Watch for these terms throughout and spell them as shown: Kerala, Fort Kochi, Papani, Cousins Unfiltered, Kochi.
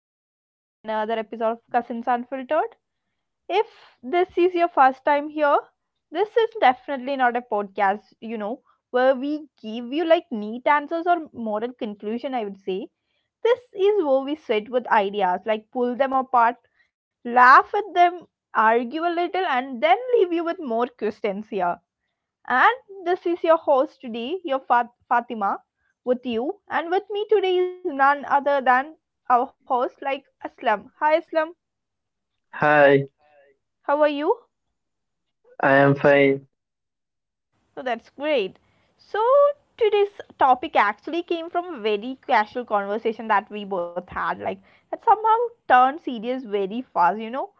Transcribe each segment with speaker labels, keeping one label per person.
Speaker 1: welcome back to another episode of Cousins Unfiltered. If this is your first time here, this is definitely not a podcast, where we give you like neat answers or moral conclusion, I would say. This is where we sit with ideas, like pull them apart, laugh at them, argue a little, and then leave you with more questions here. And this is your host today, your Fatima, with you. And with me today is none other than our host, like Aslam. Hi, Aslam.
Speaker 2: Hi,
Speaker 1: How are you?
Speaker 2: I am fine.
Speaker 1: Oh, that's great. So, today's topic actually came from a very casual conversation that we both had, like, that somehow turned serious very fast, you know?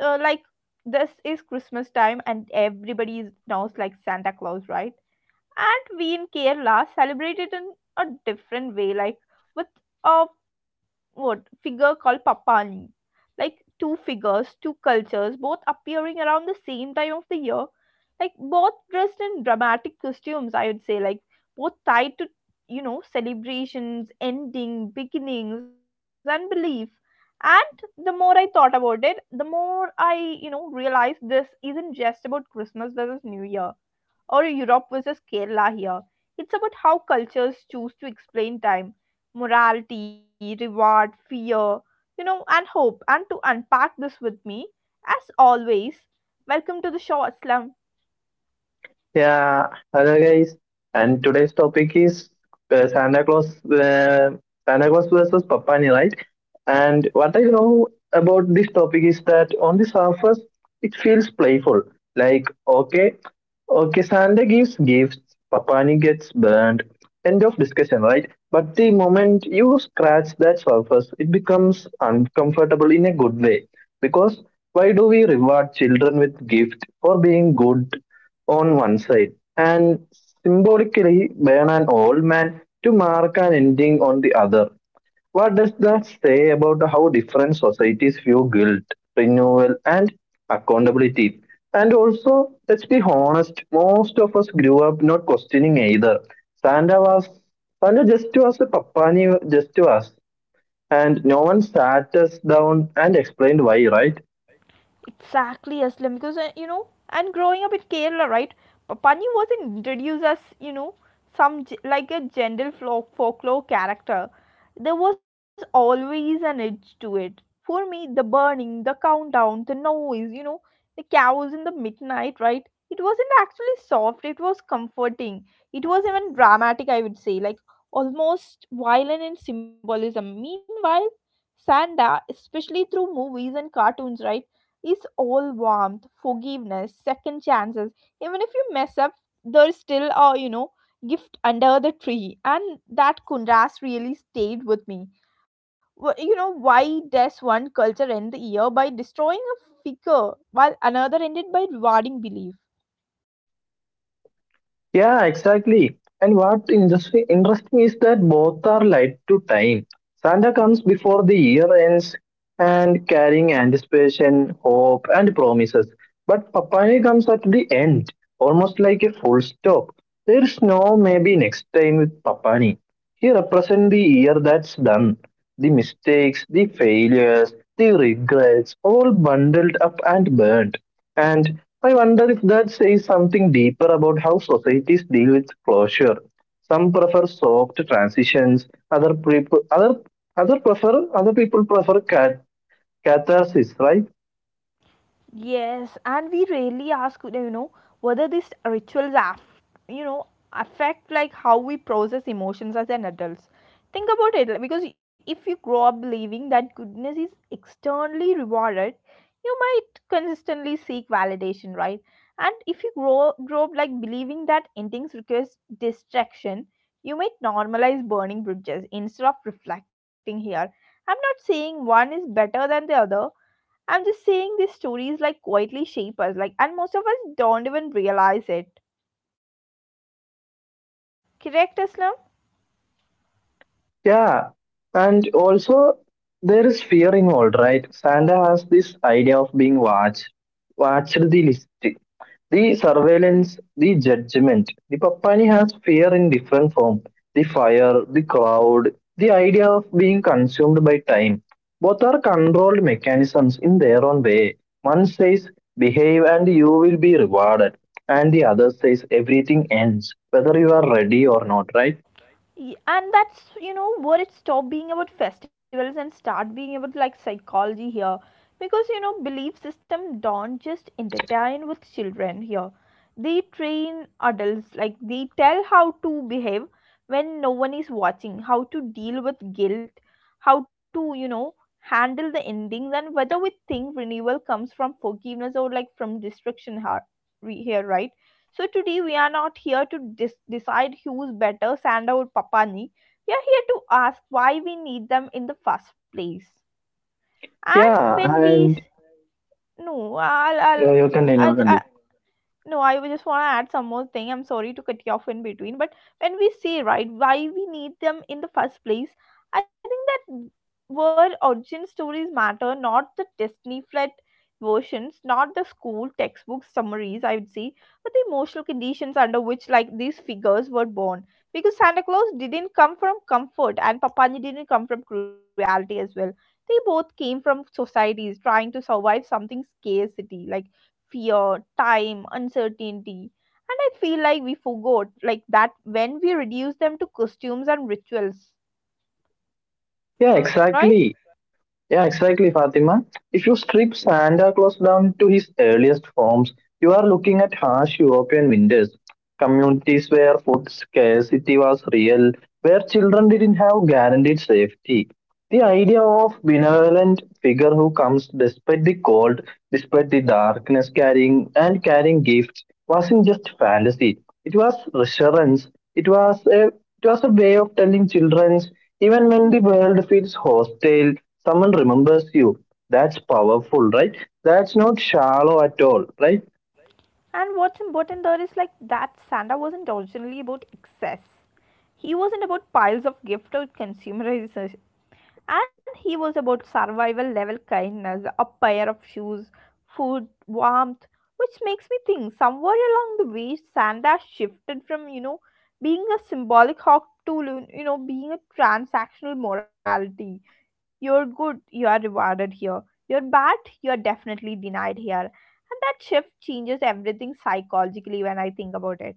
Speaker 1: Uh, like, this is Christmas time, and everybody is now like Santa Claus, right? And we in Kerala celebrate it in a different way, like with a what figure called Papani. Like two figures, two cultures, both appearing around the same time of the year. Like both dressed in dramatic costumes, I would say, like both tied to celebrations, ending, beginnings, and belief. And the more I thought about it, the more I, realized this isn't just about Christmas versus New Year or Europe versus Kerala here. It's about how cultures choose to explain time, morality, reward, fear, and hope. And to unpack this with me, as always, welcome to the show, Aslam.
Speaker 2: Yeah, hello guys, and today's topic is uh, Santa Claus, uh, Santa Claus versus Papani, right? And what I love about this topic is that on the surface it feels playful, like okay, Santa gives gifts, Papani gets burned. End of discussion, right? But the moment you scratch that surface, it becomes uncomfortable in a good way because why do we reward children with gift for being good on one side, and symbolically burn an old man to mark an ending on the other. What does that say about how different societies view guilt, renewal, and accountability? And also, let's be honest, most of us grew up not questioning either. Santa was Santa just to us, Papani just to us, and no one sat us down and explained why, right?
Speaker 1: Exactly, Aslam, because and growing up in Kerala, right? Pani wasn't introduced as like a gentle folklore character. There was always an edge to it. For me, the burning, the countdown, the noise, the cows in the midnight, right? It wasn't actually soft. It was comforting. It was even dramatic, I would say, like almost violent in symbolism. Meanwhile, Sanda, especially through movies and cartoons, right? is all warmth, forgiveness, second chances. Even if you mess up, there's still a gift under the tree, and that contrast really stayed with me. You know why does one culture end the year by destroying a figure while another ended by rewarding belief?
Speaker 2: Yeah, exactly. And what industry interesting is that both are light to time. Santa comes before the year ends and carrying anticipation, hope, and promises. But Papaya comes at the end, almost like a full stop. There's no maybe next time with Papani. He represents the year that's done, the mistakes, the failures, the regrets, all bundled up and burnt. And I wonder if that says something deeper about how societies deal with closure. Some prefer soft transitions, other people prefer catharsis, right?
Speaker 1: Yes, and we rarely ask, whether these rituals, affect like how we process emotions as an adults. Think about it, like, because if you grow up believing that goodness is externally rewarded, you might consistently seek validation, right? And if you grow up like believing that endings requires distraction, you might normalize burning bridges instead of reflecting here. I'm not saying one is better than the other. I'm just saying these stories like quietly shape us, like, and most of us don't even realize it. Correct, Aslam?
Speaker 2: Yeah, and also there is fear involved, right? Santa has this idea of being watched, the list, the surveillance, the judgment. The Papani has fear in different form: the fire, the crowd, the idea of being consumed by time. Both are controlled mechanisms in their own way. One says behave and you will be rewarded, and the other says everything ends, whether you are ready or not, right?
Speaker 1: And that's where it stopped being about festivals and start being about like psychology here, because you know belief system don't just entertain with children here, they train adults, like they tell how to behave when no one is watching, how to deal with guilt, how to handle the endings, and whether we think renewal comes from forgiveness or like from destruction, here, right? So today we are not here to decide who's better, Sanda or Papani. We are here to ask why we need them in the first place. And
Speaker 2: Yeah,
Speaker 1: when we
Speaker 2: and
Speaker 1: no,
Speaker 2: Yeah, you continue, you
Speaker 1: I, I,
Speaker 2: continue.
Speaker 1: no, I would just want to add some more thing. I'm sorry to cut you off in between, but when we say right, why we need them in the first place, I think that where origin stories matter, not the Disney flat versions, not the school textbook summaries, I would say, but the emotional conditions under which like these figures were born. Because Santa Claus didn't come from comfort and Papani didn't come from cruelty as well. They both came from societies trying to survive something scarcity, like fear, time, uncertainty. And I feel like we forgot like that when we reduce them to costumes and rituals,
Speaker 2: Yeah,
Speaker 1: right?
Speaker 2: exactly. Yeah, exactly, Fatima. If you strip Santa Claus down to his earliest forms, you are looking at harsh European winters, communities where food scarcity was real, where children didn't have guaranteed safety. The idea of benevolent figure who comes despite the cold, despite the darkness carrying gifts wasn't just fantasy. It was reassurance. It was a it was a way of telling children even when the world feels hostile, someone remembers you. That's powerful, right? That's not shallow at all, right?
Speaker 1: And what's important there is like that Santa wasn't originally about excess. He wasn't about piles of gift or consumerization, and he was about survival level kindness, a pair of shoes, food, warmth, which makes me think somewhere along the way Sanda shifted from, being a symbolic hawk to, being a transactional morality. You're good, you are rewarded here. You're bad, you are definitely denied here. And that shift changes everything psychologically when I think about it.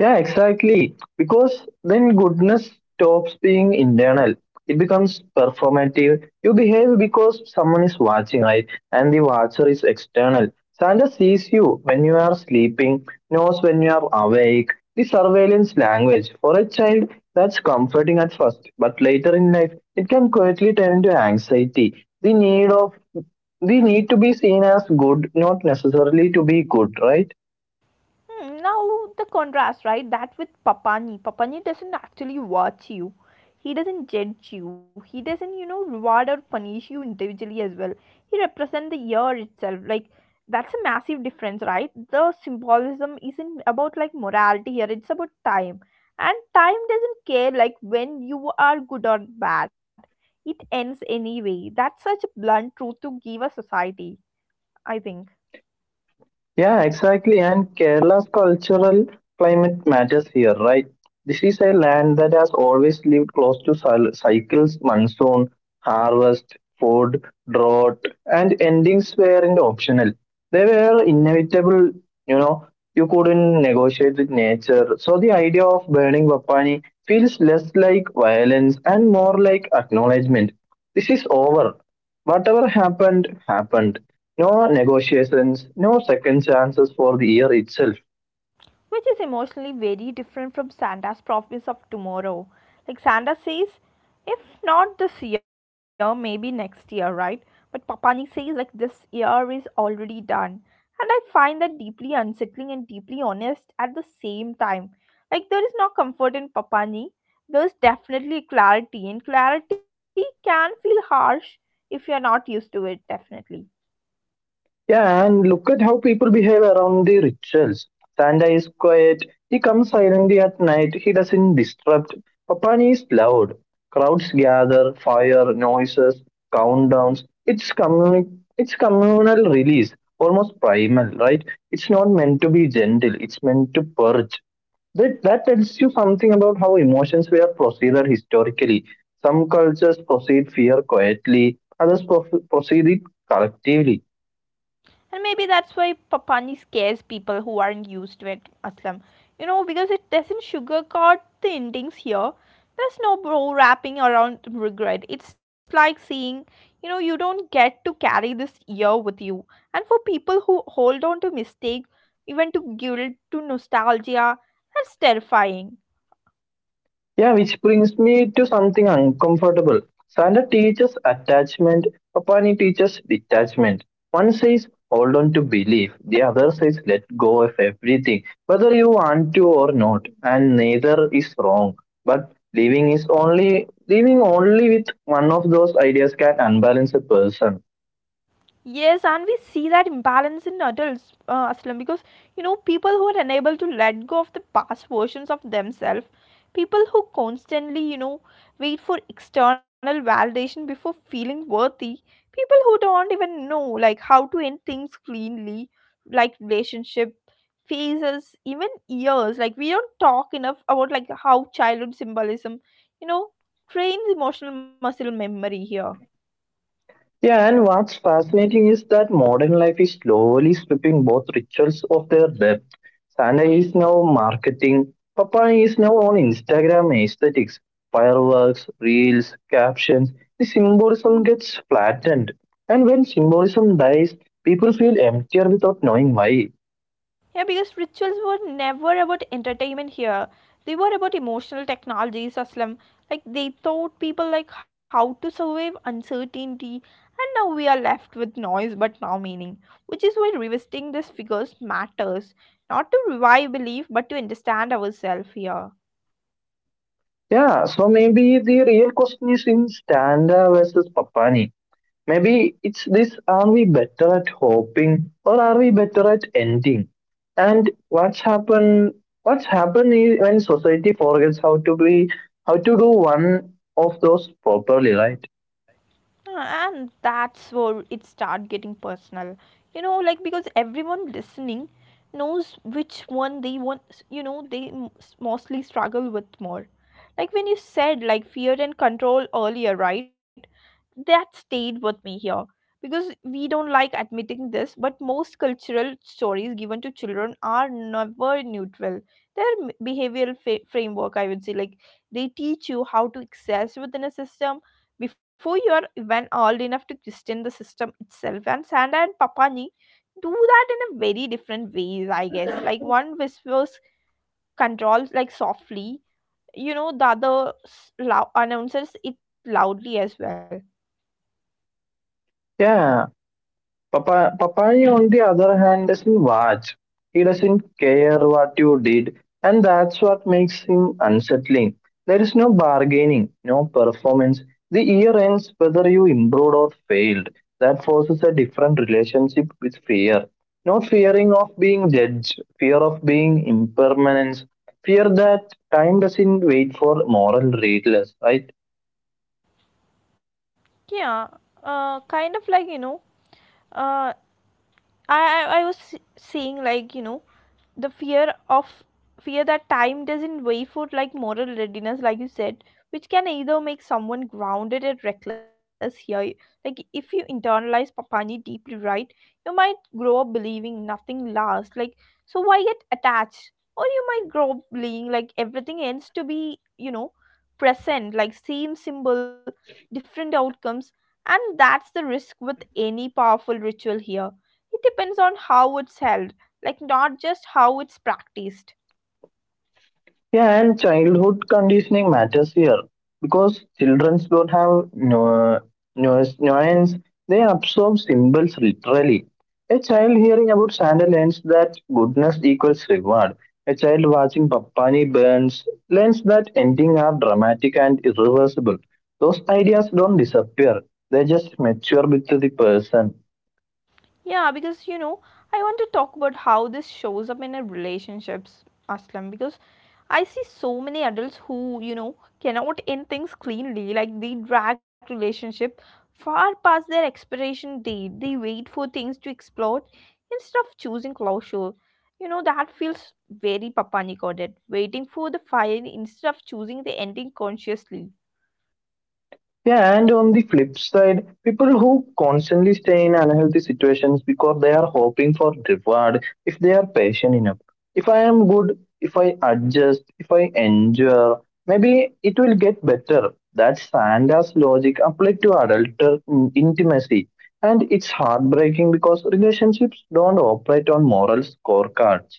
Speaker 2: Yeah, exactly. Because then goodness stops being internal. It becomes performative. You behave because someone is watching, right? And the watcher is external. Santa sees you when you are sleeping, knows when you are awake. The surveillance language. For a child, that's comforting at first, but later in life, it can quietly turn into anxiety. The need to be seen as good, not necessarily to be good, right?
Speaker 1: Hmm. Now the contrast, right? That with Papani. Papani doesn't actually watch you. He doesn't judge you. He doesn't, reward or punish you individually as well. He represents the year itself. Like that's a massive difference, right? The symbolism isn't about like morality here. It's about time. And time doesn't care like when you are good or bad. It ends anyway. That's such a blunt truth to give a society, I think.
Speaker 2: Yeah, exactly. And Kerala's cultural climate matters here, right? This is a land that has always lived close to cycles, monsoon, harvest, food, drought, and endings weren't optional. They were inevitable, you know, you couldn't negotiate with nature. So the idea of burning Bapani feels less like violence and more like acknowledgement. This is over. Whatever happened, happened, no negotiations, no second chances for the year itself.
Speaker 1: Which is emotionally very different from Santa's promise of tomorrow. Like Santa says, if not this year, maybe next year, right? But Papani says, like, this year is already done. And I find that deeply unsettling and deeply honest at the same time. Like, there is no comfort in Papani. There's definitely clarity, and clarity can feel harsh if you're not used to it, definitely.
Speaker 2: Yeah, and look at how people behave around the rituals. Santa is quiet, he comes silently at night, he doesn't disrupt. Papani is loud. Crowds gather, fire, noises, countdowns. It's communal release, almost primal, right? It's not meant to be gentle, it's meant to purge. That tells you something about how emotions were proceded historically. Some cultures proceed fear quietly, others proceed it collectively.
Speaker 1: And maybe that's why Papani scares people who aren't used to it, Aslam. You know, because it doesn't sugarcoat the endings here. There's no bro wrapping around regret. It's like saying, you don't get to carry this year with you. And for people who hold on to mistake, even to guilt, to nostalgia, that's terrifying.
Speaker 2: Yeah, which brings me to something uncomfortable. Santa teaches attachment, Papani teaches detachment. One says hold on to belief, the other says let go of everything, whether you want to or not, and neither is wrong. But living only with one of those ideas can unbalance a person.
Speaker 1: Yes, and we see that imbalance in adults, Aslam, because people who are unable to let go of the past versions of themselves, people who constantly, wait for external validation before feeling worthy, people who don't even know like how to end things cleanly, like relationship phases, even years. Like we don't talk enough about like how childhood symbolism, you know, trains emotional muscle memory here.
Speaker 2: Yeah, and what's fascinating is that modern life is slowly stripping both rituals of their depth. Santa is now marketing, Papa is now on Instagram aesthetics, fireworks, reels, captions. The symbolism gets flattened. And when symbolism dies, people feel emptier without knowing why.
Speaker 1: Yeah, because rituals were never about entertainment here. They were about emotional technologies, Aslam. Like they taught people like how to survive uncertainty, and now we are left with noise but no meaning. Which is why revisiting these figures matters. Not to revive belief but to understand ourselves here.
Speaker 2: Yeah, so maybe the real question is in Standa versus Papani. Maybe it's this: are we better at hoping or are we better at ending? And what's happened is when society forgets how to do one of those properly, right?
Speaker 1: Ah, and that's where it start getting personal, you know, like because everyone listening knows which one they want, you know, they mostly struggle with more, like when you said like fear and control earlier, right? That stayed with me here, because we don't like admitting this, but most cultural stories given to children are never neutral. Their behavioral framework, I would say, like they teach you how to access within a system before you are even old enough to question the system itself. And Sanda and Papani do that in a very different ways, I guess, like one whispers controls like softly, you know, the other announces it loudly as well.
Speaker 2: Yeah. Papaya, on the other hand, doesn't watch. He doesn't care what you did, and that's what makes him unsettling. There is no bargaining, no performance. The year ends whether you improved or failed. That forces a different relationship with fear. Not fearing of being judged, fear of being impermanence, fear that time doesn't wait for moral readers, right?
Speaker 1: Yeah, kind of like you know, uh, I I was seeing like you know, the fear of fear that time doesn't wait for like moral readiness like you said, which can either make someone grounded and reckless here. Like if you internalize papani deeply, right, you might grow up believing nothing lasts, like so why get attached, or you might grow up believing like everything ends to be, you know, present. Like same symbol, different outcomes. And that's the risk with any powerful ritual here. It depends on how it's held, like not just how it's practiced.
Speaker 2: Yeah, and childhood conditioning matters here because children don't have no noise, nuance. They absorb symbols literally. A child hearing about Santa learns that goodness equals reward. A child watching Papani burns learns that ending are dramatic and irreversible. Those ideas don't disappear. They just mature with the person.
Speaker 1: Yeah, because you know, I want to talk about how this shows up in a relationships, Aslam, because I see so many adults who, cannot end things cleanly, like they drag relationship far past their expiration date. They wait for things to explode instead of choosing closure. You know, that feels very papanicoded, waiting for the fire instead of choosing the ending consciously.
Speaker 2: Yeah, and on the flip side, people who constantly stay in unhealthy situations because they are hoping for reward if they are patient enough. If I am good, if I adjust, if I endure, maybe it will get better. That's Santa's logic applied to adult intimacy. And it's heartbreaking because relationships don't operate on moral scorecards.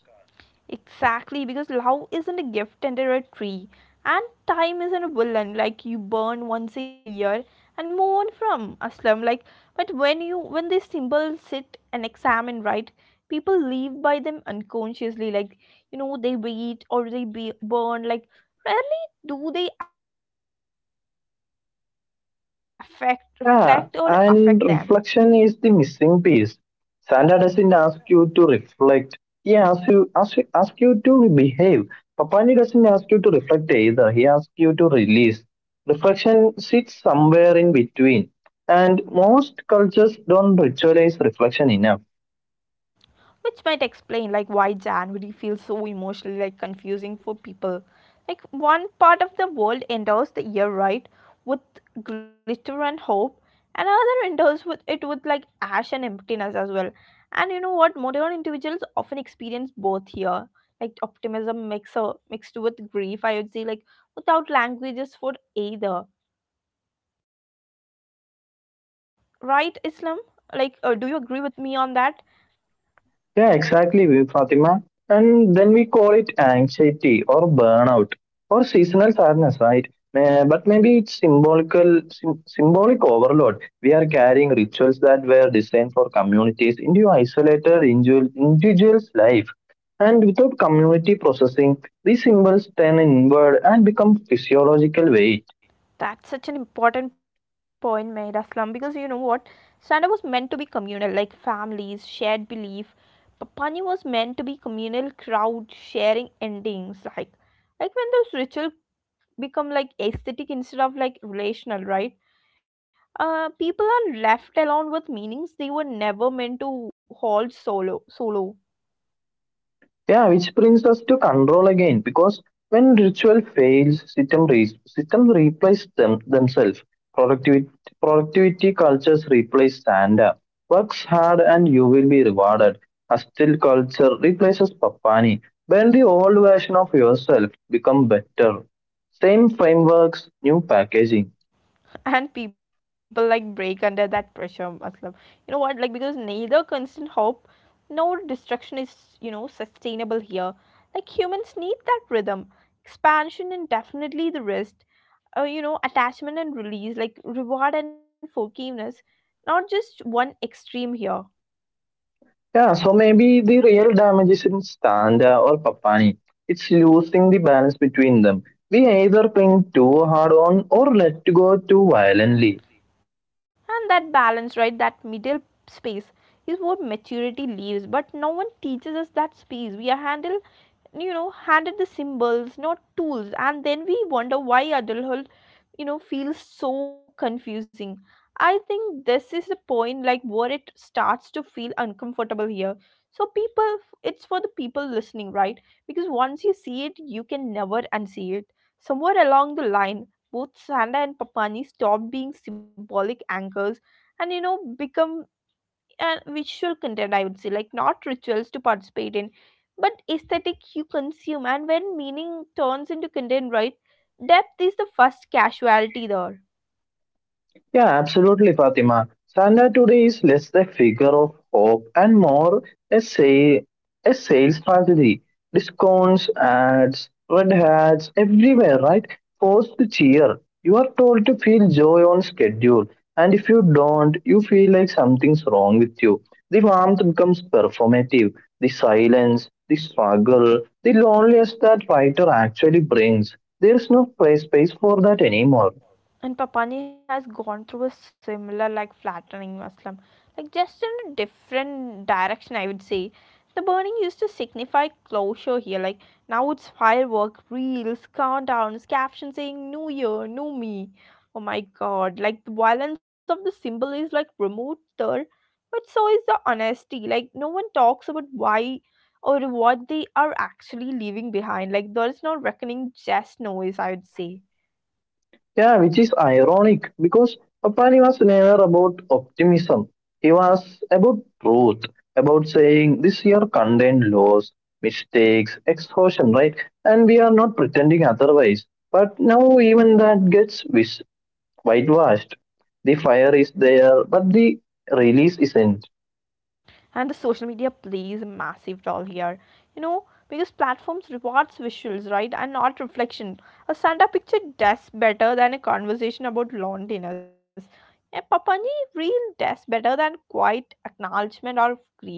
Speaker 1: Exactly, because love isn't a gift under a tree, and time isn't a villain like you burn once a year and move on from, Aslam. Like, but when you when these symbols sit and examine, right, people live by them unconsciously. Like, they wait or they be burn. Like, rarely do they affect, reflect, or affect them.
Speaker 2: Yeah, and reflection is the missing piece. Santa doesn't ask you to reflect. He asks you to behave. Papani doesn't ask you to reflect either. He asks you to release. Reflection sits somewhere in between. And most cultures don't ritualize reflection enough.
Speaker 1: Which might explain like why January feels so emotionally like confusing for people. Like one part of the world enters the year right with glitter and hope, and other enters with it with like ash and emptiness as well. And you know what? Modern individuals often experience both here, like optimism mixer mixed with grief. I would say like without languages for either. Right, Islam? Like, do you agree with me on that?
Speaker 2: Yeah, exactly, Fatima. And then we call it anxiety or burnout or seasonal sadness, right? But maybe it's symbolic overload. We are carrying rituals that were designed for communities into isolated individuals' life. And without community processing, these symbols turn inward and become physiological weight.
Speaker 1: That's such an important point made, Aslam, because you know what? Stand up was meant to be communal, like families, shared belief. Papani was meant to be communal crowd sharing endings, like when those ritual become like aesthetic instead of like relational, right? People are left alone with meanings they were never meant to hold solo. Solo.
Speaker 2: Yeah, which brings us to control again, because when ritual fails, systems replace them themselves. Productivity productivity cultures replace standard. Works hard and you will be rewarded. Hostile culture replaces papani. Burn the old version of yourself, become better. Same frameworks, new packaging.
Speaker 1: And people like break under that pressure matlab. You know what, like because neither constant hope nor destruction is, you know, sustainable here. Like humans need that rhythm, expansion and definitely the rest, you know, attachment and release, like reward and forgiveness, not just one extreme here.
Speaker 2: Yeah, so maybe the real damage is in Standa or Papani. It's losing the balance between them. We either cling too hard on or let go too violently.
Speaker 1: And that balance, right, that middle space is what maturity leaves, but no one teaches us that space. We are handled, you know, handed the symbols, not tools, and then we wonder why adulthood, you know, feels so confusing. I think this is the point, like where it starts to feel uncomfortable here. So people, it's for the people listening, right, because once you see it, you can never unsee it. Somewhere along the line, both Sanda and Papani stopped being symbolic anchors and, you know, become a visual content, I would say, like not rituals to participate in, but aesthetic you consume. And when meaning turns into content, right, depth is the first casualty there.
Speaker 2: Yeah, absolutely, Fatima. Sandra today is less a figure of hope and more a, say, a sales strategy. Discounts, ads, red hats, everywhere, right? Force to cheer. You are told to feel joy on schedule, and if you don't, you feel like something's wrong with you. The warmth becomes performative. The silence, the struggle, the loneliness that writer actually brings. There is no play space for that anymore.
Speaker 1: And Papani has gone through a similar, like, flattering Muslim, like, just in a different direction, I would say. The burning used to signify closure here, like, now it's firework, reels, countdowns, captions saying New Year, New Me. Oh my god, like, the violence of the symbol is, like, remoter, but so is the honesty. Like, no one talks about why or what they are actually leaving behind. Like, there is no reckoning, just noise, I would say.
Speaker 2: Yeah, which is ironic because Papani was never about optimism. He was about truth, about saying this year contained loss, mistakes, exhaustion, right? And we are not pretending otherwise. But now even that gets whitewashed. The fire is there, but the release isn't.
Speaker 1: And the social media plays a massive role here, you know, because platforms rewards visuals, right, and not reflection. A stand picture does better than a conversation about loneliness. A papani reel does better than quiet acknowledgement or grief,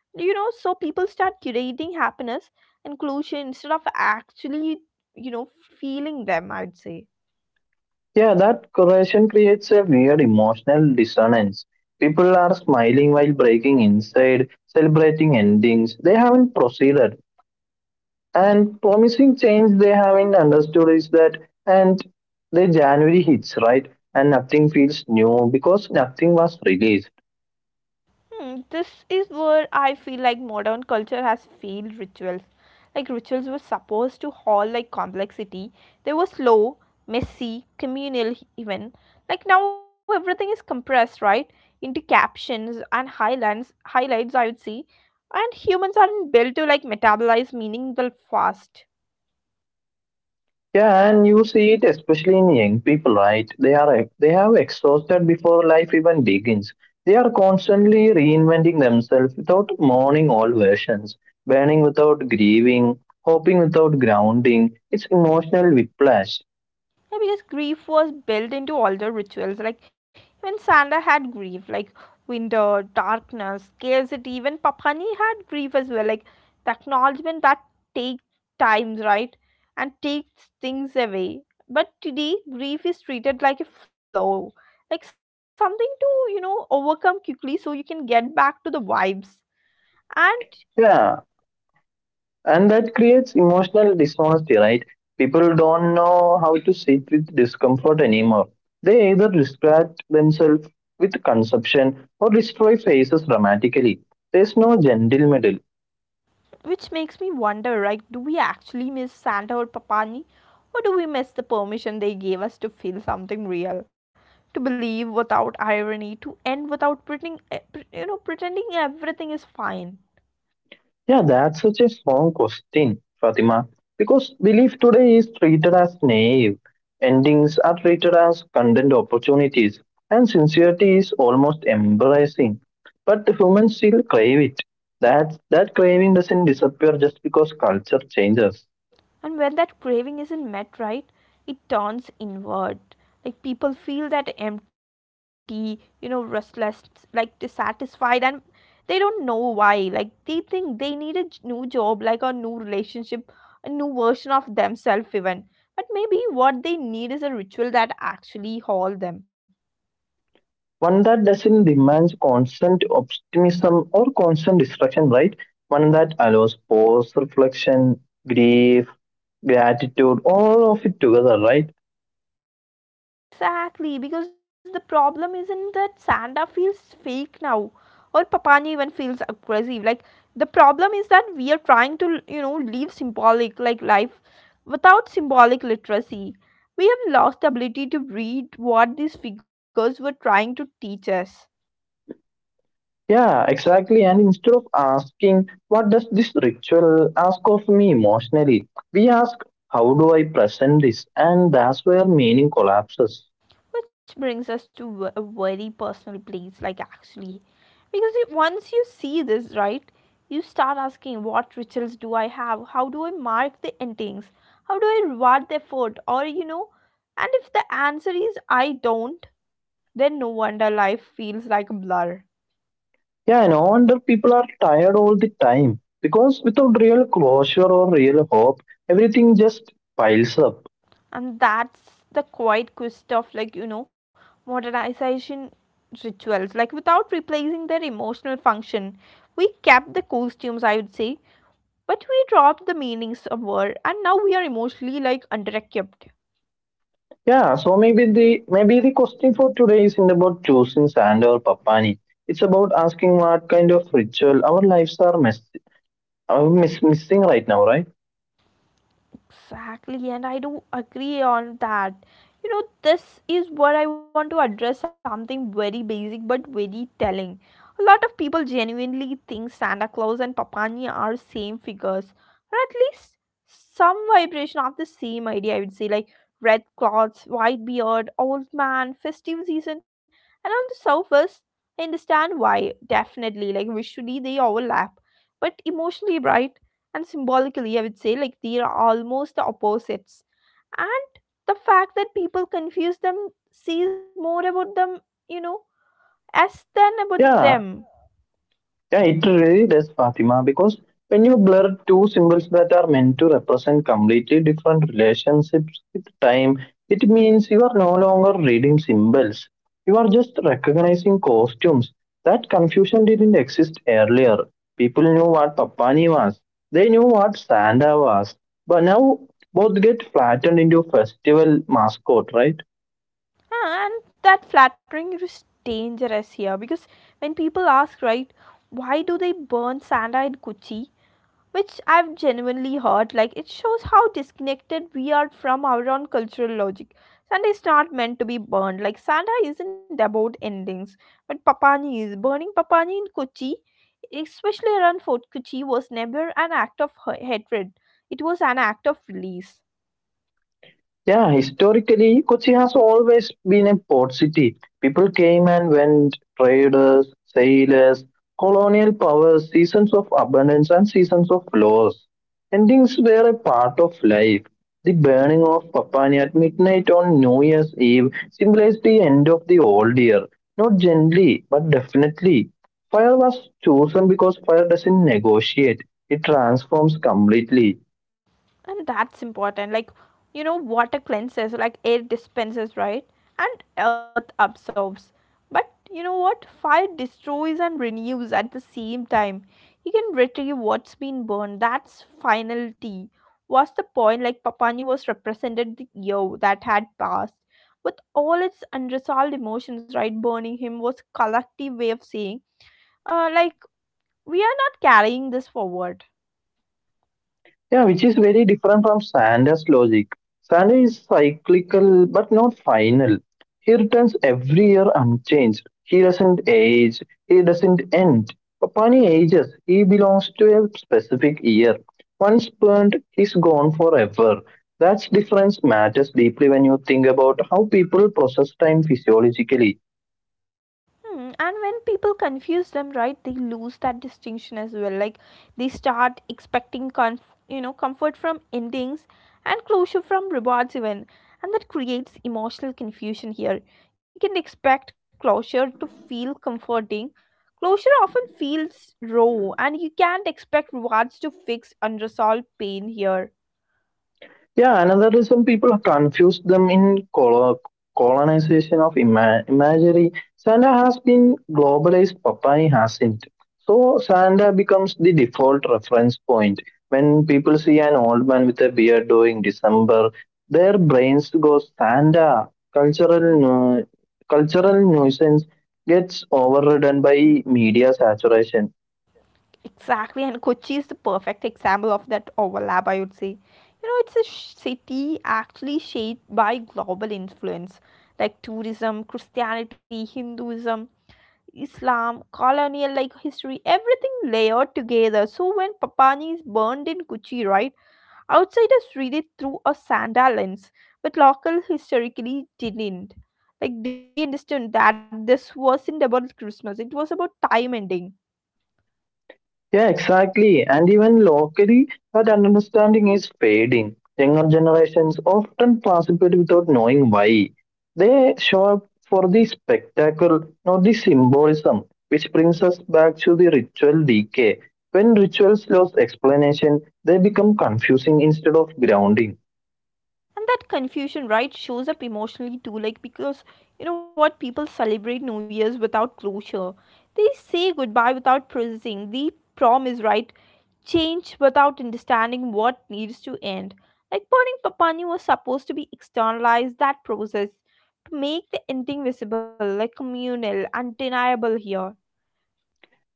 Speaker 1: you know. So people start curating happiness and closure instead of actually, you know, feeling them, I'd say.
Speaker 2: Yeah, that correlation creates a weird emotional dissonance. People are smiling while breaking inside, celebrating endings. They haven't proceeded. And promising change they haven't understood is that, and the January hits, right? And nothing feels new because nothing was released.
Speaker 1: Hmm, this is where I feel like modern culture has failed rituals. Like rituals were supposed to hold like complexity. They were slow, messy, communal even. Like now everything is compressed, right? Into captions and highlights I would say. And humans aren't built to like metabolize meaning the fast.
Speaker 2: Yeah, and you see it especially in young people, right? They have exhausted before life even begins. They are constantly reinventing themselves without mourning all versions, burning without grieving, hoping without grounding. It's emotional whiplash.
Speaker 1: Yeah, because grief was built into older rituals. Like even Santa had grief, like winter, darkness, scarcity. Even Papani had grief as well. Like the acknowledgement that takes times, right, and takes things away. But today, grief is treated like a flow, like something to, you know, overcome quickly, so you can get back to the vibes. And
Speaker 2: Yeah, and that creates emotional dishonesty, right? People don't know how to sit with discomfort anymore. They either distract themselves with consumption or destroy faces dramatically. There's no gentle middle.
Speaker 1: which makes me wonder like, do we actually miss Santa or Papani? Or do we miss the permission they gave us to feel something real? To believe without irony, to end without pretending, you know, pretending everything is fine.
Speaker 2: Yeah, that's such a strong question, Fatima, because belief today is treated as naive. Endings are treated as content opportunities, and sincerity is almost embarrassing. But humans still crave it. That craving doesn't disappear just because culture changes.
Speaker 1: And when that craving isn't met, right, it turns inward. Like people feel that empty, you know, restless, like dissatisfied, and they don't know why. Like they think they need new job, like a new relationship, a new version of themselves, even. But maybe what they need is a ritual that actually haul them.
Speaker 2: One that doesn't demand constant optimism or constant distraction, right? One that allows pause, reflection, grief, gratitude, all of it together, right?
Speaker 1: Exactly, because the problem isn't that Santa feels fake now or Papani even feels aggressive. Like the problem is that we are trying to, you know, live symbolic like life without symbolic literacy. We have lost the ability to read what these figures were trying to teach us.
Speaker 2: Yeah, exactly. And instead of asking, what does this ritual ask of me emotionally? We ask, how do I present this? And that's where meaning collapses.
Speaker 1: Which brings us to a very personal place, like actually. Because you, once you see this, right, you start asking, what rituals do I have? How do I mark the endings? How do I reward the effort? Or, you know, and if the answer is I don't, then no wonder life feels like a blur.
Speaker 2: Yeah, no wonder people are tired all the time because without real closure or real hope, everything just piles up.
Speaker 1: And that's the quiet quest of, like, you know, modernization rituals. Like, without replacing their emotional function, we kept the costumes, I would say, but we dropped the meanings of somewhere, and now we are emotionally like underequipped.
Speaker 2: Yeah, so maybe the question for today isn't about choosing sand or papani. It's about asking what kind of ritual our lives are missing right now, right?
Speaker 1: Exactly, and I do agree on that. You know, this is what I want to address, something very basic but very telling. A lot of people genuinely think Santa Claus and Papani are same figures, or at least some vibration of the same idea, I would say, like red clothes, white beard, old man, festive season, and on the surface, I understand why, definitely. Like visually they overlap. But emotionally, right, and symbolically, I would say, like they are almost the opposites. And the fact that people confuse them says more about them, you know, as than about
Speaker 2: Yeah,
Speaker 1: them.
Speaker 2: yeah, it really does, Fatima, because when you blur two symbols that are meant to represent completely different relationships with time, it means you are no longer reading symbols. You are just recognizing costumes. That confusion didn't exist earlier. People knew what Papani was, they knew what Santa was, but now both get flattened into festival mascot, right?
Speaker 1: Ah, and that flattering is dangerous here, because when people ask, right, why do they burn Santa in Kochi? Which I've genuinely heard, like it shows how disconnected we are from our own cultural logic. Santa is not meant to be burned. Like Santa isn't about endings, but Papani is. Burning Papani in Kochi, especially around Fort Kochi, was never an act of hatred. It was an act of release.
Speaker 2: Yeah, historically, Kochi has always been a port city. People came and went, traders, sailors, colonial powers, seasons of abundance, and seasons of loss. Endings were a part of life. The burning of Papani at midnight on New Year's Eve symbolized the end of the old year. Not gently, but definitely. Fire was chosen because fire doesn't negotiate, it transforms completely.
Speaker 1: And that's important, like, you know, water cleanses, like air dispenses, right, and earth absorbs. But you know what, fire destroys and renews at the same time. You can retrieve what's been burned. That's finality. What's the point? Like papani was represented the year that had passed with all its unresolved emotions, right. Burning him was collective way of saying, like we are not carrying this forward.
Speaker 2: Yeah, which is very different from Sanders' logic. Sanders is cyclical but not final. He returns every year unchanged. He doesn't age, he doesn't end. Papani ages, he belongs to a specific year. Once burnt, he's gone forever. That difference matters deeply when you think about how people process time physiologically.
Speaker 1: Hmm, and when people confuse them, right, they lose that distinction as well. Like they start expecting, you know, comfort from endings and closure from rewards, even, and that creates emotional confusion here. You can expect closure to feel comforting. Closure often feels raw, and you can't expect rewards to fix unresolved pain here.
Speaker 2: Yeah, another reason people confuse them in colonization of imagery. Santa has been globalized, Popeye hasn't. So Santa becomes the default reference point. When people see an old man with a beard during December, their brains go Santa. Cultural, nu- Cultural nuisance gets overridden by media saturation.
Speaker 1: Exactly, and Kochi is the perfect example of that overlap, I would say. You know, it's a city actually shaped by global influence, like tourism, Christianity, Hinduism, Islam, colonial like history, everything layered together. So when Papani is burned in Kochi, right, outsiders read it through a sandal lens, but local historically didn't. Like they understood that this wasn't about Christmas; it was about time ending.
Speaker 2: Yeah, exactly. And even locally, that understanding is fading. Younger generations often participate without knowing why. They show up for the spectacle, not the symbolism, which brings us back to the ritual decay. When rituals lose explanation, they become confusing instead of grounding.
Speaker 1: And that confusion, right, shows up emotionally too, like because, you know what, people celebrate new year's without closure. They say goodbye without processing the promise, right, change without understanding what needs to end. Like burning papani was supposed to be externalized that process to make the ending visible, like communal, undeniable here.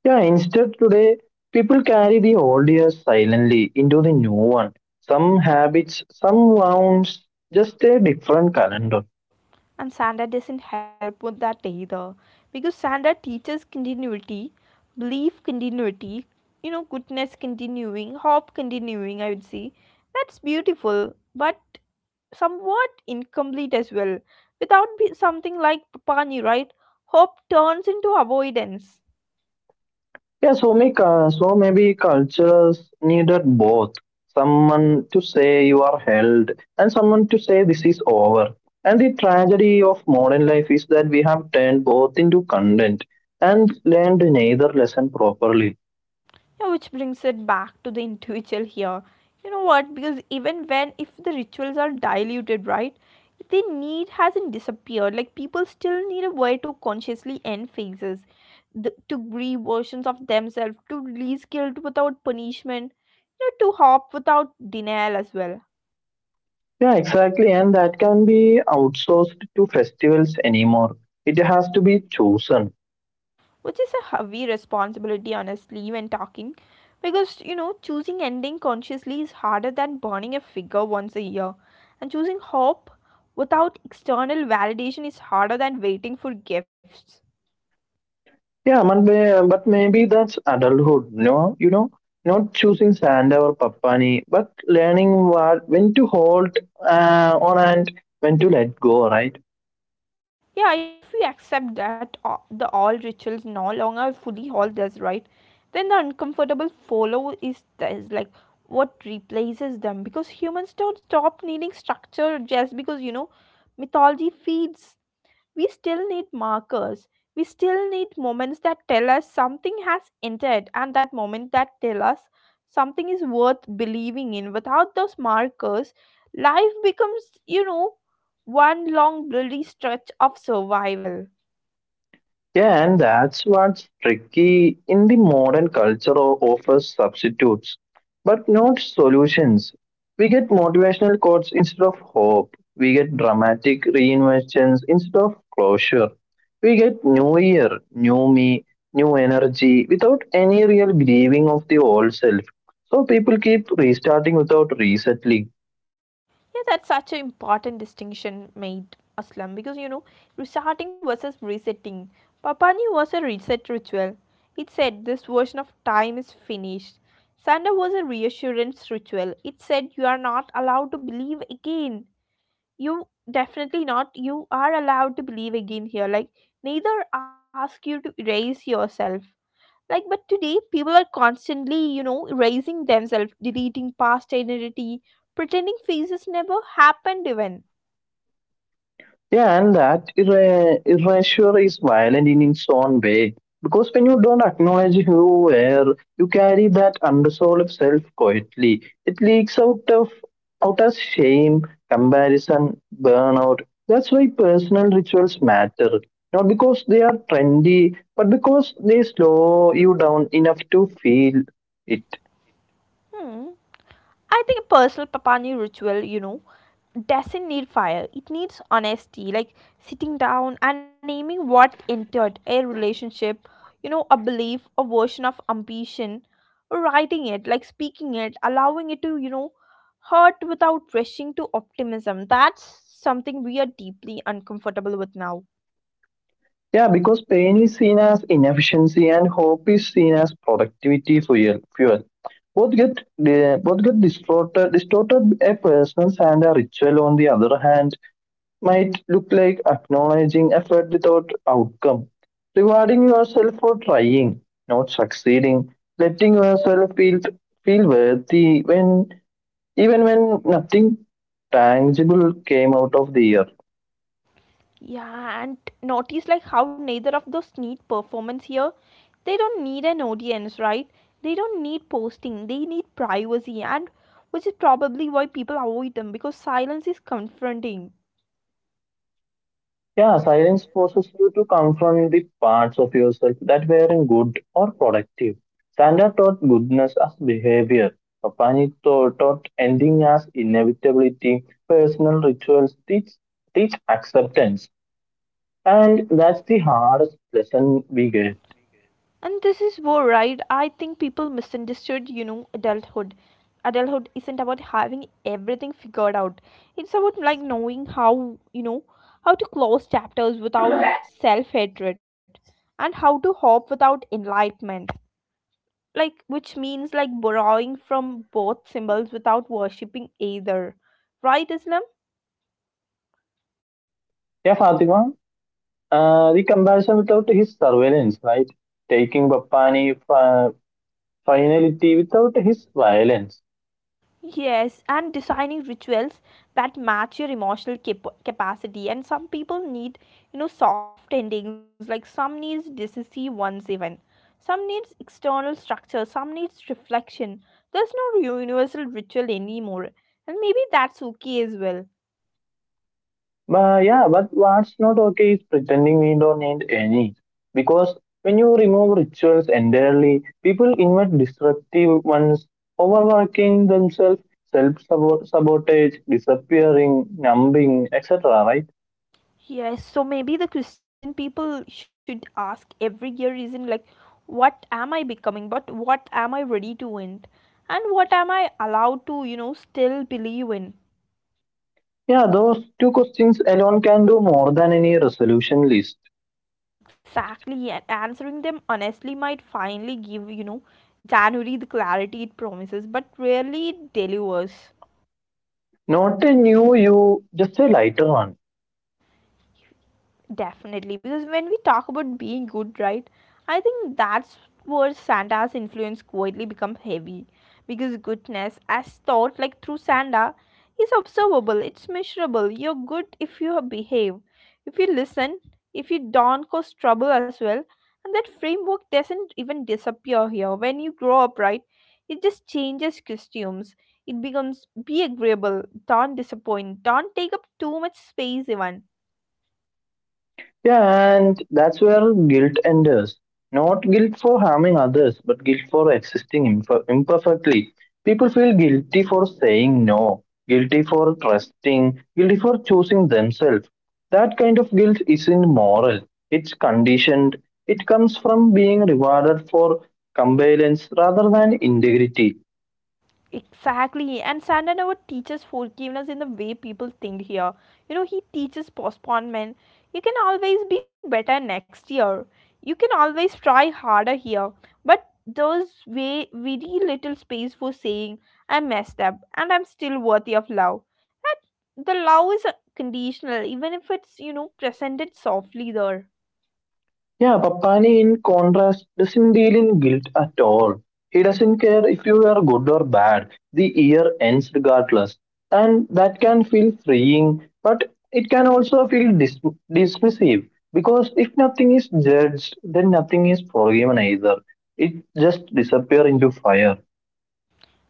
Speaker 2: Yeah, instead today, people carry the old years silently into the new one. Some habits, some wounds, just a different calendar.
Speaker 1: And Sanda doesn't help with that either. Because Sanda teaches continuity, belief continuity, you know, goodness continuing, hope continuing, I would say. That's beautiful, but somewhat incomplete as well. Without something like Papani, right, hope turns into avoidance.
Speaker 2: Yeah, so make so maybe cultures needed both someone to say you are held and someone to say this is over. And the tragedy of modern life is that we have turned both into content and learned neither lesson properly.
Speaker 1: Yeah, which brings it back to the individual here. You know what? Because even when, if the rituals are diluted, right, the need hasn't disappeared. Like, people still need a way to consciously end phases, the, to grieve versions of themselves, to release guilt without punishment, you know, to hope without denial as well.
Speaker 2: Yeah, exactly, and that can be outsourced to festivals anymore. It has to be chosen.
Speaker 1: Which is a heavy responsibility honestly when talking, because, you know, choosing ending consciously is harder than burning a figure once a year, and choosing hope without external validation is harder than waiting for gifts.
Speaker 2: Yeah, but maybe that's adulthood, no? You know, not choosing Santa or Papani, but learning what when to hold on and when to let go, right?
Speaker 1: Yeah, if we accept that the all rituals no longer fully hold us, right, then the uncomfortable follow is like, what replaces them? Because humans don't stop needing structure just because, you know, mythology feeds. We still need markers. We still need moments that tell us something has entered, and that moment that tell us something is worth believing in. Without those markers, life becomes, you know, one long bloody stretch of survival.
Speaker 2: Yeah, and that's what's tricky in the modern culture offers substitutes, but not solutions. We get motivational quotes instead of hope. We get dramatic reinventions instead of closure. We get new year, new me, new energy without any real grieving of the old self. So people keep restarting without resettling.
Speaker 1: Yeah, that's such an important distinction made, Aslam, because, you know, restarting versus resetting. Papani was a reset ritual. It said, this version of time is finished. Sanda was a reassurance ritual. It said you are not allowed to believe again. You definitely not. You are allowed to believe again here. Like neither ask you to erase yourself. Like but today people are constantly, you know, raising themselves, deleting past identity, pretending phases never happened even.
Speaker 2: Yeah, and that erasure is violent in its own way. Because when you don't acknowledge who you were, you carry that unresolved self quietly. It leaks out of out as shame, comparison, burnout. That's why personal rituals matter. Not because they are trendy, but because they slow you down enough to feel it.
Speaker 1: Hmm, I think a personal Papani ritual, you know, doesn't need fire. It needs honesty, like sitting down and naming what entered a relationship, you know, a belief, a version of ambition, writing it, like speaking it, allowing it to, you know, hurt without rushing to optimism. That's something we are deeply uncomfortable with now.
Speaker 2: Yeah, because pain is seen as inefficiency and hope is seen as productivity fuel. Fuel. Both get distorted. Distorted a person's and a ritual, on the other hand, might look like acknowledging effort without outcome, rewarding yourself for trying, not succeeding, letting yourself feel worthy when even when nothing tangible came out of the year.
Speaker 1: Yeah, and notice like how neither of those need performance here. They don't need an audience, right? They don't need posting. They need privacy, and which is probably why people avoid them, because silence is confronting.
Speaker 2: Yeah, silence forces you to confront the parts of yourself that weren't good or productive. Sandra taught goodness as behavior. Papani taught ending as inevitability. Personal rituals teach acceptance. And that's the hardest lesson we get.
Speaker 1: And this is war, right? I think people misunderstood, you know, adulthood. Adulthood isn't about having everything figured out. It's about knowing how, how to close chapters without self-hatred and how to hope without enlightenment. Which means borrowing from both symbols without worshipping either, right, Islam?
Speaker 2: Yeah, Fatima, the comparison without his surveillance, right? Taking Papani finality without his violence.
Speaker 1: Yes, and designing rituals that match your emotional capacity. And some people need, you know, soft endings, like some needs decisive ones, even some needs external structure, some needs reflection. There's no universal ritual anymore, and maybe that's okay as well.
Speaker 2: But yeah, but what's not okay is pretending we don't need any. Because when you remove rituals entirely, people invent destructive ones, overworking themselves, self sabotage, disappearing, numbing, etc. Right?
Speaker 1: Yes, so maybe the Christian people should ask every year reason, like what am I becoming, but what am I ready to end? And what am I allowed to, you know, still believe in?
Speaker 2: Yeah, those two questions alone can do more than any resolution list.
Speaker 1: Exactly, and answering them honestly might finally give, you know, January the clarity it promises, but rarely it delivers.
Speaker 2: Not a new you, just a lighter one.
Speaker 1: Definitely, because when we talk about being good, right, I think that's where Santa's influence quietly becomes heavy. Because goodness, as taught through Santa, is observable, it's measurable. You're good if you behave, if you listen, if you don't cause trouble as well. And that framework doesn't even disappear here. When you grow up, right, it just changes costumes. It becomes be agreeable, don't disappoint, don't take up too much space, even.
Speaker 2: Yeah, and that's where guilt enters. Not guilt for harming others, but guilt for existing imperfectly. People feel guilty for saying no, guilty for trusting, guilty for choosing themselves. That kind of guilt isn't moral, it's conditioned. It comes from being rewarded for compliance rather than integrity.
Speaker 1: Exactly, and Santa never teaches forgiveness in the way people think here. You know, he teaches postponement. You can always be better next year. You can always try harder here. But there's way very little space for saying I messed up and I'm still worthy of love. That the love is conditional, even if it's, you know, presented softly there.
Speaker 2: Yeah, Papani, in contrast, doesn't deal in guilt at all. He doesn't care if you are good or bad. The year ends regardless. And that can feel freeing, but it can also feel dismissive. Because if nothing is judged, then nothing is forgiven either. It just disappears into fire.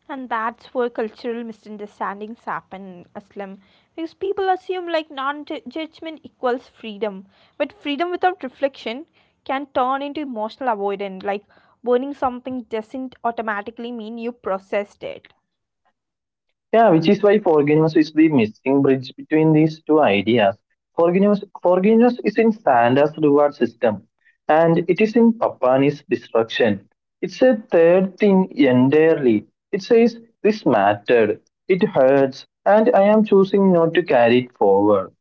Speaker 1: And that's where cultural misunderstandings happen, Aslam. Because people assume non-judgment equals freedom, but freedom without reflection can turn into emotional avoidance, like burning something doesn't automatically mean you processed it.
Speaker 2: Yeah, which is why forgiveness is the missing bridge between these two ideas. Forgiveness is in Santa's reward system, and it is in Papani's destruction. It's a third thing entirely. It says, this mattered, it hurts, and I am choosing not to carry it forward.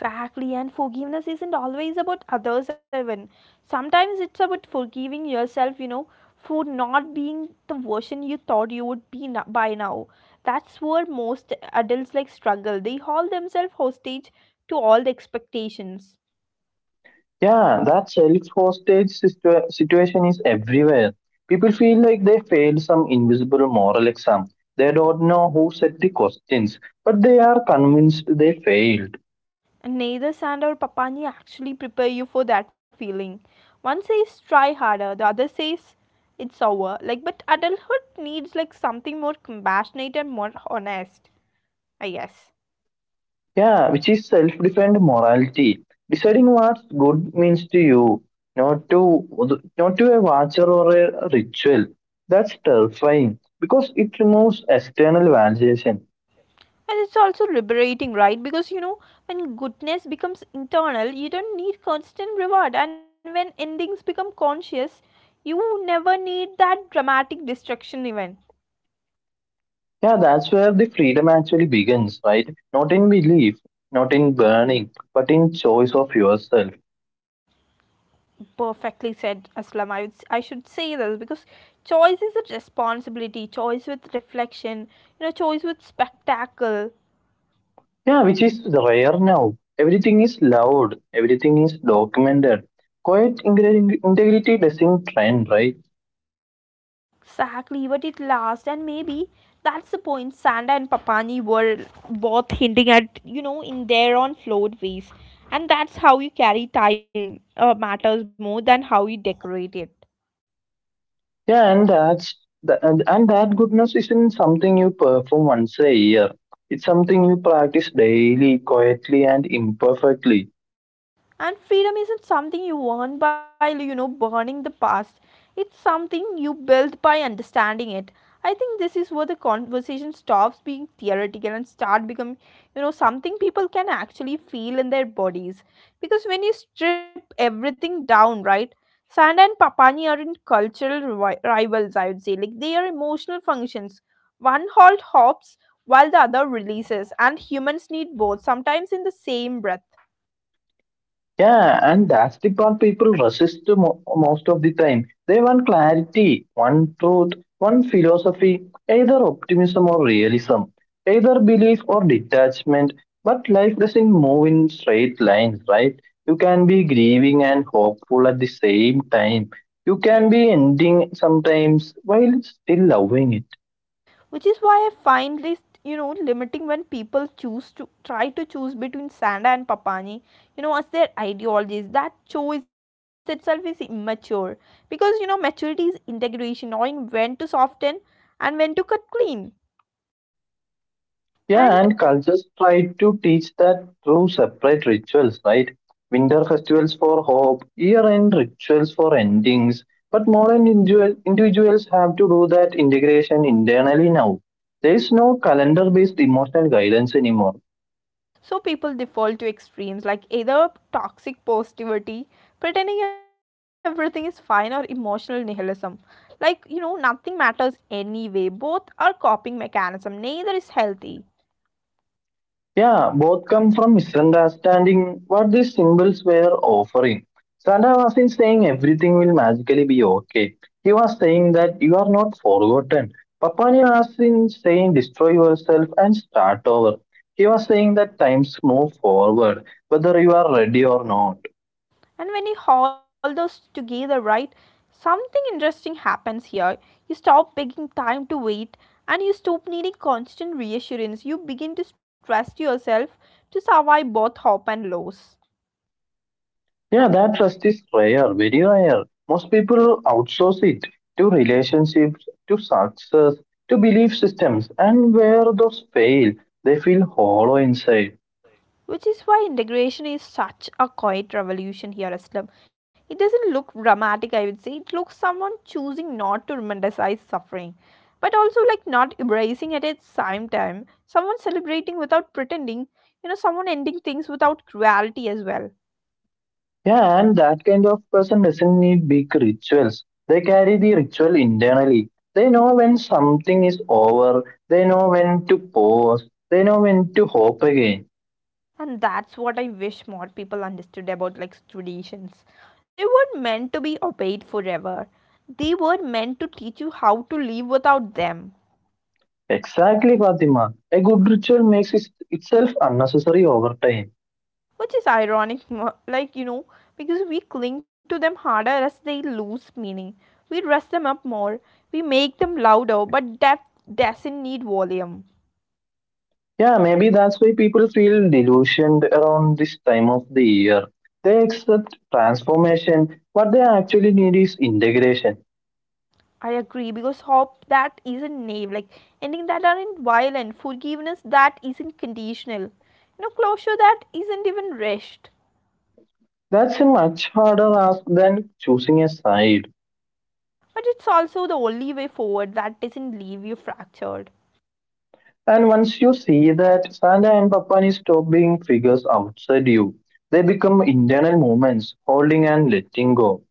Speaker 1: Exactly, and forgiveness isn't always about others, even. Sometimes it's about forgiving yourself, you know, for not being the version you thought you would be by now. That's where most adults struggle. They hold themselves hostage to all the expectations.
Speaker 2: Yeah, that self-hostage situation is everywhere. People feel like they failed some invisible moral exam. They don't know who set the questions, but they are convinced they failed.
Speaker 1: And neither Sand or Papani actually prepare you for that feeling. One says try harder, the other says it's over. Like, but adulthood needs something more compassionate and more honest, I guess.
Speaker 2: Yeah, which is self-defined morality. Deciding what's good means to you, not to a watcher or a ritual. That's terrifying because it removes external validation.
Speaker 1: And it's also liberating, right? Because you know, when goodness becomes internal, you don't need constant reward. And when endings become conscious, you never need that dramatic destruction event.
Speaker 2: Yeah, that's where the freedom actually begins, right? Not in belief, not in burning, but in choice of yourself.
Speaker 1: Perfectly said, Aslam. I, would, I should say this because choice is a responsibility, choice with reflection, you know, choice with spectacle.
Speaker 2: Yeah, which is rare now. Everything is loud, everything is documented. Quiet integrity doesn't trend, right?
Speaker 1: Exactly, but it lasts, and maybe that's the point. Sanda and Papani were both hinting at, you know, in their own flawed ways, and that's how you carry time matters more than how you decorate it.
Speaker 2: Yeah, and that goodness isn't something you perform once a year. It's something you practice daily, quietly, and imperfectly.
Speaker 1: And freedom isn't something you earn by, you know, burning the past. It's something you build by understanding it. I think this is where the conversation stops being theoretical and start becoming, you know, something people can actually feel in their bodies. Because when you strip everything down, right? Sanda and Papani aren't cultural rivals, I would say. Like they are emotional functions. One halt hops while the other releases, and humans need both, sometimes in the same breath.
Speaker 2: Yeah, and that's the part people resist the most of the time. They want clarity, one truth, one philosophy, either optimism or realism, either belief or detachment. But life doesn't move in straight lines, right? You can be grieving and hopeful at the same time. You can be ending sometimes while still loving it.
Speaker 1: Which is why I find this, you know, limiting when people choose to try to choose between Sanda and Papani, you know, as their ideologies. That choice itself is immature because, you know, maturity is integration, knowing when to soften and when to cut clean.
Speaker 2: Yeah,
Speaker 1: And
Speaker 2: and cultures try to teach that through separate rituals, right? Winter festivals for hope, year end rituals for endings. But modern individuals have to do that integration internally now. There is no calendar based emotional guidance anymore.
Speaker 1: so people default to extremes, like either toxic positivity pretending everything is fine or emotional nihilism, like, you know, nothing matters anyway. Both are coping mechanism, neither is healthy.
Speaker 2: Yeah, both come from misunderstanding what these symbols were offering. Santa wasn't saying everything will magically be okay. He was saying that you are not forgotten. Papani wasn't saying destroy yourself and start over. He was saying that times move forward, whether you are ready or not.
Speaker 1: And when you haul those together, right, something interesting happens here. You stop taking time to wait, and you stop needing constant reassurance. You begin to trust yourself to survive both hope and loss.
Speaker 2: Yeah, that trust is rare, very rare. Most people outsource it to relationships, to success, to belief systems, and where those fail, they feel hollow inside.
Speaker 1: Which is why integration is such a quiet revolution here, Aslam. It doesn't look dramatic, I would say. It looks someone choosing not to romanticize suffering, but also not embracing it at the same time. Someone celebrating without pretending, you know, someone ending things without cruelty as well.
Speaker 2: Yeah, and that kind of person doesn't need big rituals. They carry the ritual internally. They know when something is over, they know when to pause, they know when to hope again.
Speaker 1: And that's what I wish more people understood about traditions. They weren't meant to be obeyed forever. They were meant to teach you how to live without them.
Speaker 2: Exactly, Fatima. A good ritual makes itself unnecessary over time.
Speaker 1: Which is ironic, you know, because we cling to them harder as they lose meaning. We dress them up more, we make them louder, but depth doesn't need volume.
Speaker 2: Yeah, maybe that's why people feel delusioned around this time of the year. They accept transformation. What they actually need is integration.
Speaker 1: I agree, because hope that isn't naive, like ending that aren't violent, forgiveness that isn't conditional, you know, closure that isn't even rushed.
Speaker 2: That's a much harder ask than choosing a side.
Speaker 1: But it's also the only way forward that doesn't leave you fractured.
Speaker 2: And once you see that Santa and Papani stop being figures outside you, they become internal movements, holding and letting go.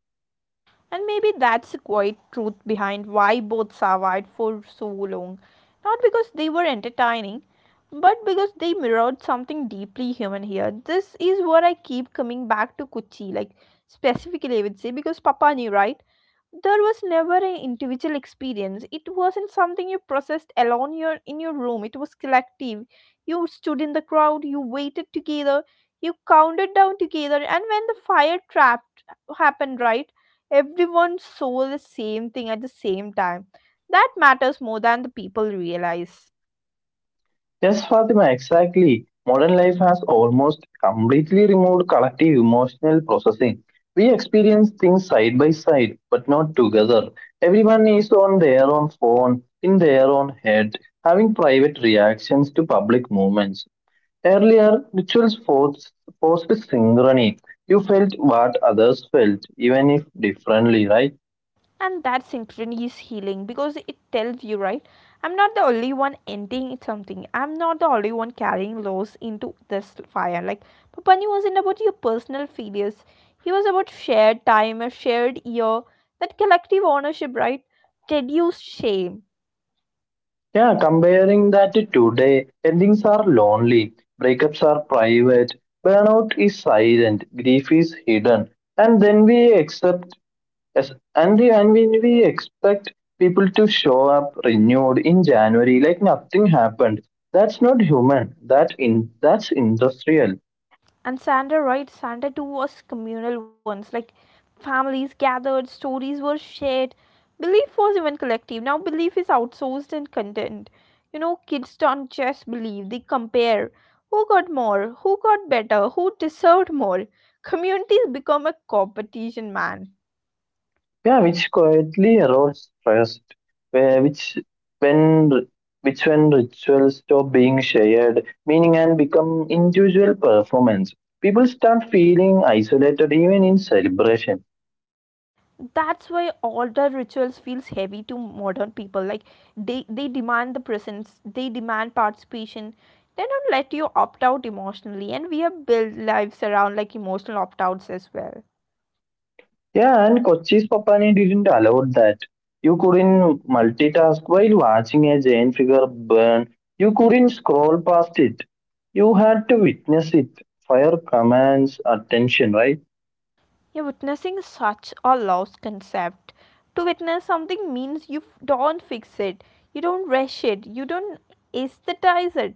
Speaker 1: And maybe that's the quiet truth behind why both survived for so long. Not because they were entertaining, but because they mirrored something deeply human here. This is what I keep coming back to Kuchi, specifically, I would say, because Papa knew, right? There was never an individual experience, it wasn't something you processed alone your in your room, it was collective. You stood in the crowd, you waited together, you counted down together, and when the fire trap happened, right, everyone saw the same thing at the same time. That matters more than the people realize.
Speaker 2: Yes, Fatima, exactly. Modern life has almost completely removed collective emotional processing. We experience things side by side, but not together. Everyone is on their own phone, in their own head, having private reactions to public movements. Earlier, forced synchrony. You felt what others felt, even if differently, right?
Speaker 1: And that synchrony is healing because it tells you, right, I'm not the only one ending something, I'm not the only one carrying loss into this fire. Like Papani wasn't about your personal failures, he was about shared time, a shared year. That collective ownership, right, reduced shame.
Speaker 2: Yeah, comparing that to today, endings are lonely, breakups are private, burnout is silent, grief is hidden, and then we accept, as- and the- and when we expect people to show up renewed in January like nothing happened. That's not human. That's industrial.
Speaker 1: And Santa, right? Santa too was communal once. Like families gathered, stories were shared. Belief was even collective. Now belief is outsourced and content. You know, kids don't just believe, they compare. Who got more? Who got better? Who deserved more? Communities become a competition, man.
Speaker 2: Yeah, which quietly erodes trust, where when which when rituals stop being shared meaning and become individual performance, people start feeling isolated even in celebration.
Speaker 1: That's why older rituals feels heavy to modern people, they demand the presence, they demand participation. They don't let you opt out emotionally, and we have built lives around emotional opt outs as well.
Speaker 2: Yeah, and Kochi's Papani didn't allow that. You couldn't multitask while watching a giant figure burn. You couldn't scroll past it. You had to witness it. Fire commands attention, right?
Speaker 1: You're witnessing is such a lost concept. To witness something means you don't fix it, you don't rush it, you don't aesthetize it,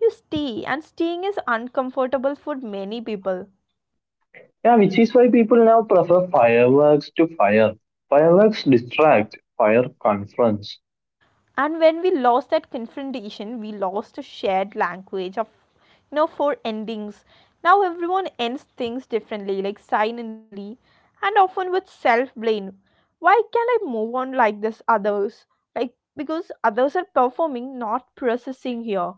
Speaker 1: you stay. And staying is uncomfortable for many people.
Speaker 2: Yeah, which is why people now prefer fireworks to fire. Fireworks distract, fire confronts.
Speaker 1: And when we lost that confrontation, we lost a shared language of, you know, for endings. Now everyone ends things differently, like silently, and often with self blame. Why can not I move on like this others, like because others are performing, not processing here.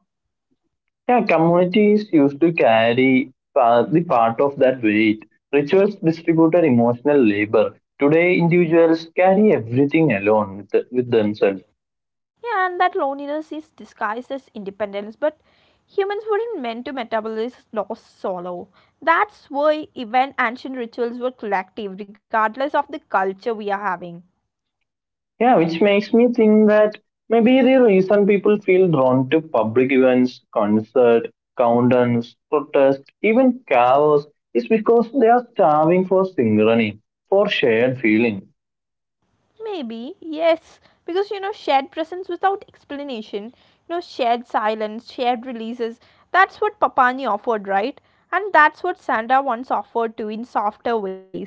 Speaker 2: Yeah, communities used to carry the part of that weight. Rituals distributed emotional labor. Today, individuals carry everything alone with themselves.
Speaker 1: Yeah, and that loneliness is disguised as independence, but humans weren't meant to metabolize loss solo. That's why even ancient rituals were collective regardless of the culture we are having.
Speaker 2: Yeah, which makes me think that maybe the reason people feel drawn to public events, concert, countdowns, protests, even chaos is because they are starving for synchrony, for shared feeling.
Speaker 1: Maybe, yes, because you know, shared presence without explanation, you know, shared silence, shared releases, that's what Papani offered, right? And that's what Sanda once offered too in softer ways.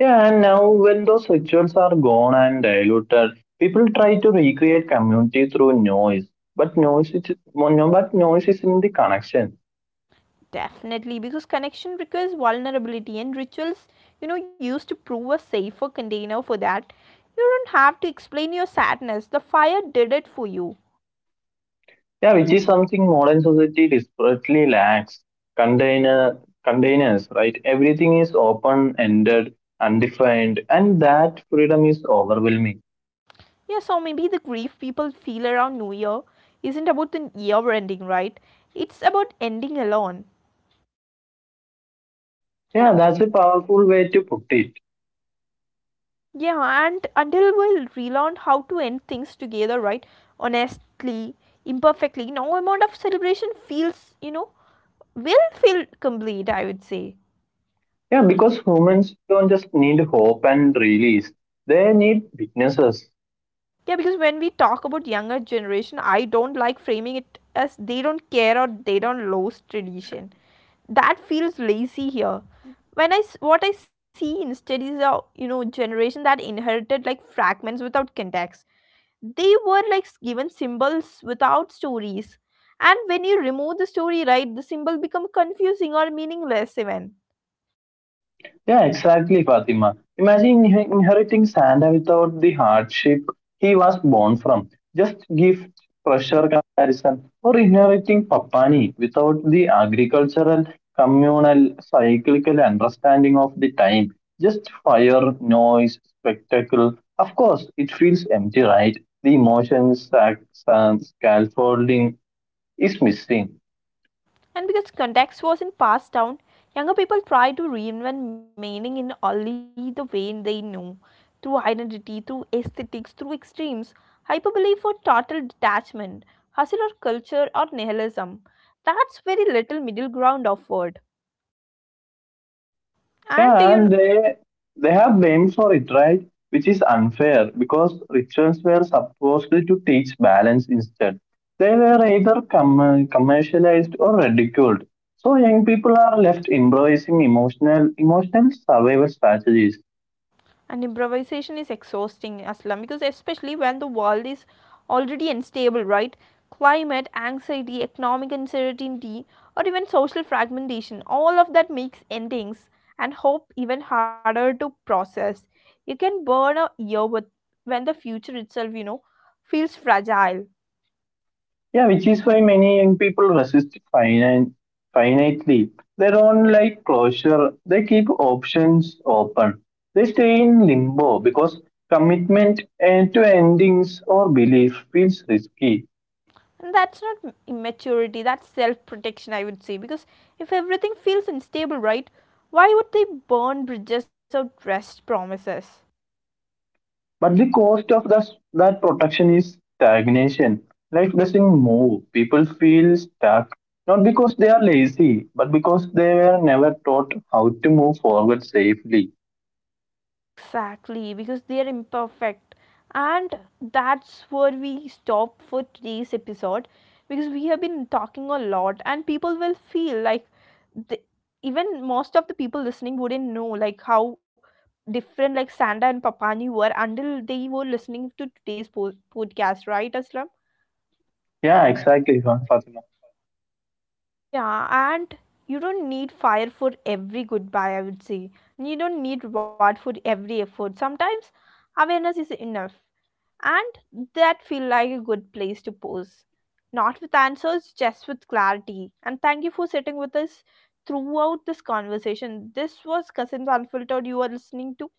Speaker 2: Yeah, and now when those rituals are gone and diluted, people try to recreate community through noise. But noise is, no, but noise is in the connection.
Speaker 1: Definitely, because connection requires vulnerability, and rituals, you know, used to prove a safer container for that. You don't have to explain your sadness, the fire did it for you.
Speaker 2: Yeah, which is something modern society desperately lacks. Container Containers, right? Everything is open ended, undefined, and that freedom is overwhelming.
Speaker 1: Yeah, so maybe the grief people feel around New Year isn't about the year ending, right? It's about ending alone. Yeah,
Speaker 2: Yeah, that's a powerful way to put it.
Speaker 1: yeah, and until we'll relearn how to end things together, right? Honestly, imperfectly, no amount of celebration feels, you know, will feel complete, I would say.
Speaker 2: Yeah, because humans don't just need hope and release; they need witnesses.
Speaker 1: Yeah, because when we talk about younger generation, I don't like framing it as they don't care or they don't lose tradition. That feels lazy here. When what I see instead is a, you know, generation that inherited fragments without context. They were like given symbols without stories, and when you remove the story, right, the symbol become confusing or meaningless even.
Speaker 2: Yeah, exactly, Fatima. Imagine inheriting Santa without the hardship he was born from. Just give pressure comparison, or inheriting Papani without the agricultural, communal, cyclical understanding of the time. Just fire, noise, spectacle. Of course, it feels empty, right? The emotions, sac- and scaffolding is missing.
Speaker 1: And because context wasn't passed down, younger people tried to reinvent meaning in only the way they knew, through identity, through aesthetics, through extremes, hyperbole for total detachment, hustle or culture or nihilism. That's very little middle ground offered.
Speaker 2: Yeah,
Speaker 1: And
Speaker 2: and
Speaker 1: you know,
Speaker 2: they have blamed for it, right? Which is unfair because rituals were supposed to teach balance instead. They were either commercialized or ridiculed. So young people are left improvising emotional survival strategies.
Speaker 1: and improvisation is exhausting, Aslam, because especially when the world is already unstable, right? Climate, anxiety, economic uncertainty, or even social fragmentation, all of that makes endings and hope even harder to process. You can burn a year with when the future itself, you know, feels fragile.
Speaker 2: Yeah, which is why many young people resist finitely. They don't like closure. They keep options open. They stay in limbo because commitment and to endings or belief feels risky.
Speaker 1: And that's not immaturity, that's self protection, I would say, because if everything feels unstable, right? Why would they burn bridges or rest promises?
Speaker 2: But the cost of this, that protection is stagnation. Life doesn't move. People feel stuck. Not because they are lazy, but because they were never taught how to move forward safely.
Speaker 1: Exactly, because they are imperfect. And that's where we stop for today's episode, because we have been talking a lot, and people will feel like the, even most of the people listening wouldn't know how different Sanda and Papani were until they were listening to today's podcast, right, Aslam?
Speaker 2: Yeah, exactly, huh, Fatima.
Speaker 1: Yeah, and you don't need fire for every goodbye, I would say. And you don't need reward for every effort. Sometimes awareness is enough. And that feel like a good place to pose, not with answers, just with clarity. And thank you for sitting with us throughout this conversation. This was Cousins Unfiltered you are listening to,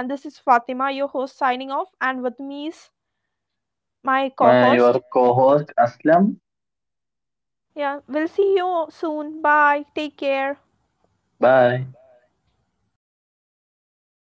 Speaker 1: and this is Fatima your host signing off, and with me is my
Speaker 2: My your
Speaker 1: co-host.
Speaker 2: co-host Aslam.
Speaker 1: Yeah, we'll see you soon. Bye, take care.
Speaker 2: Bye.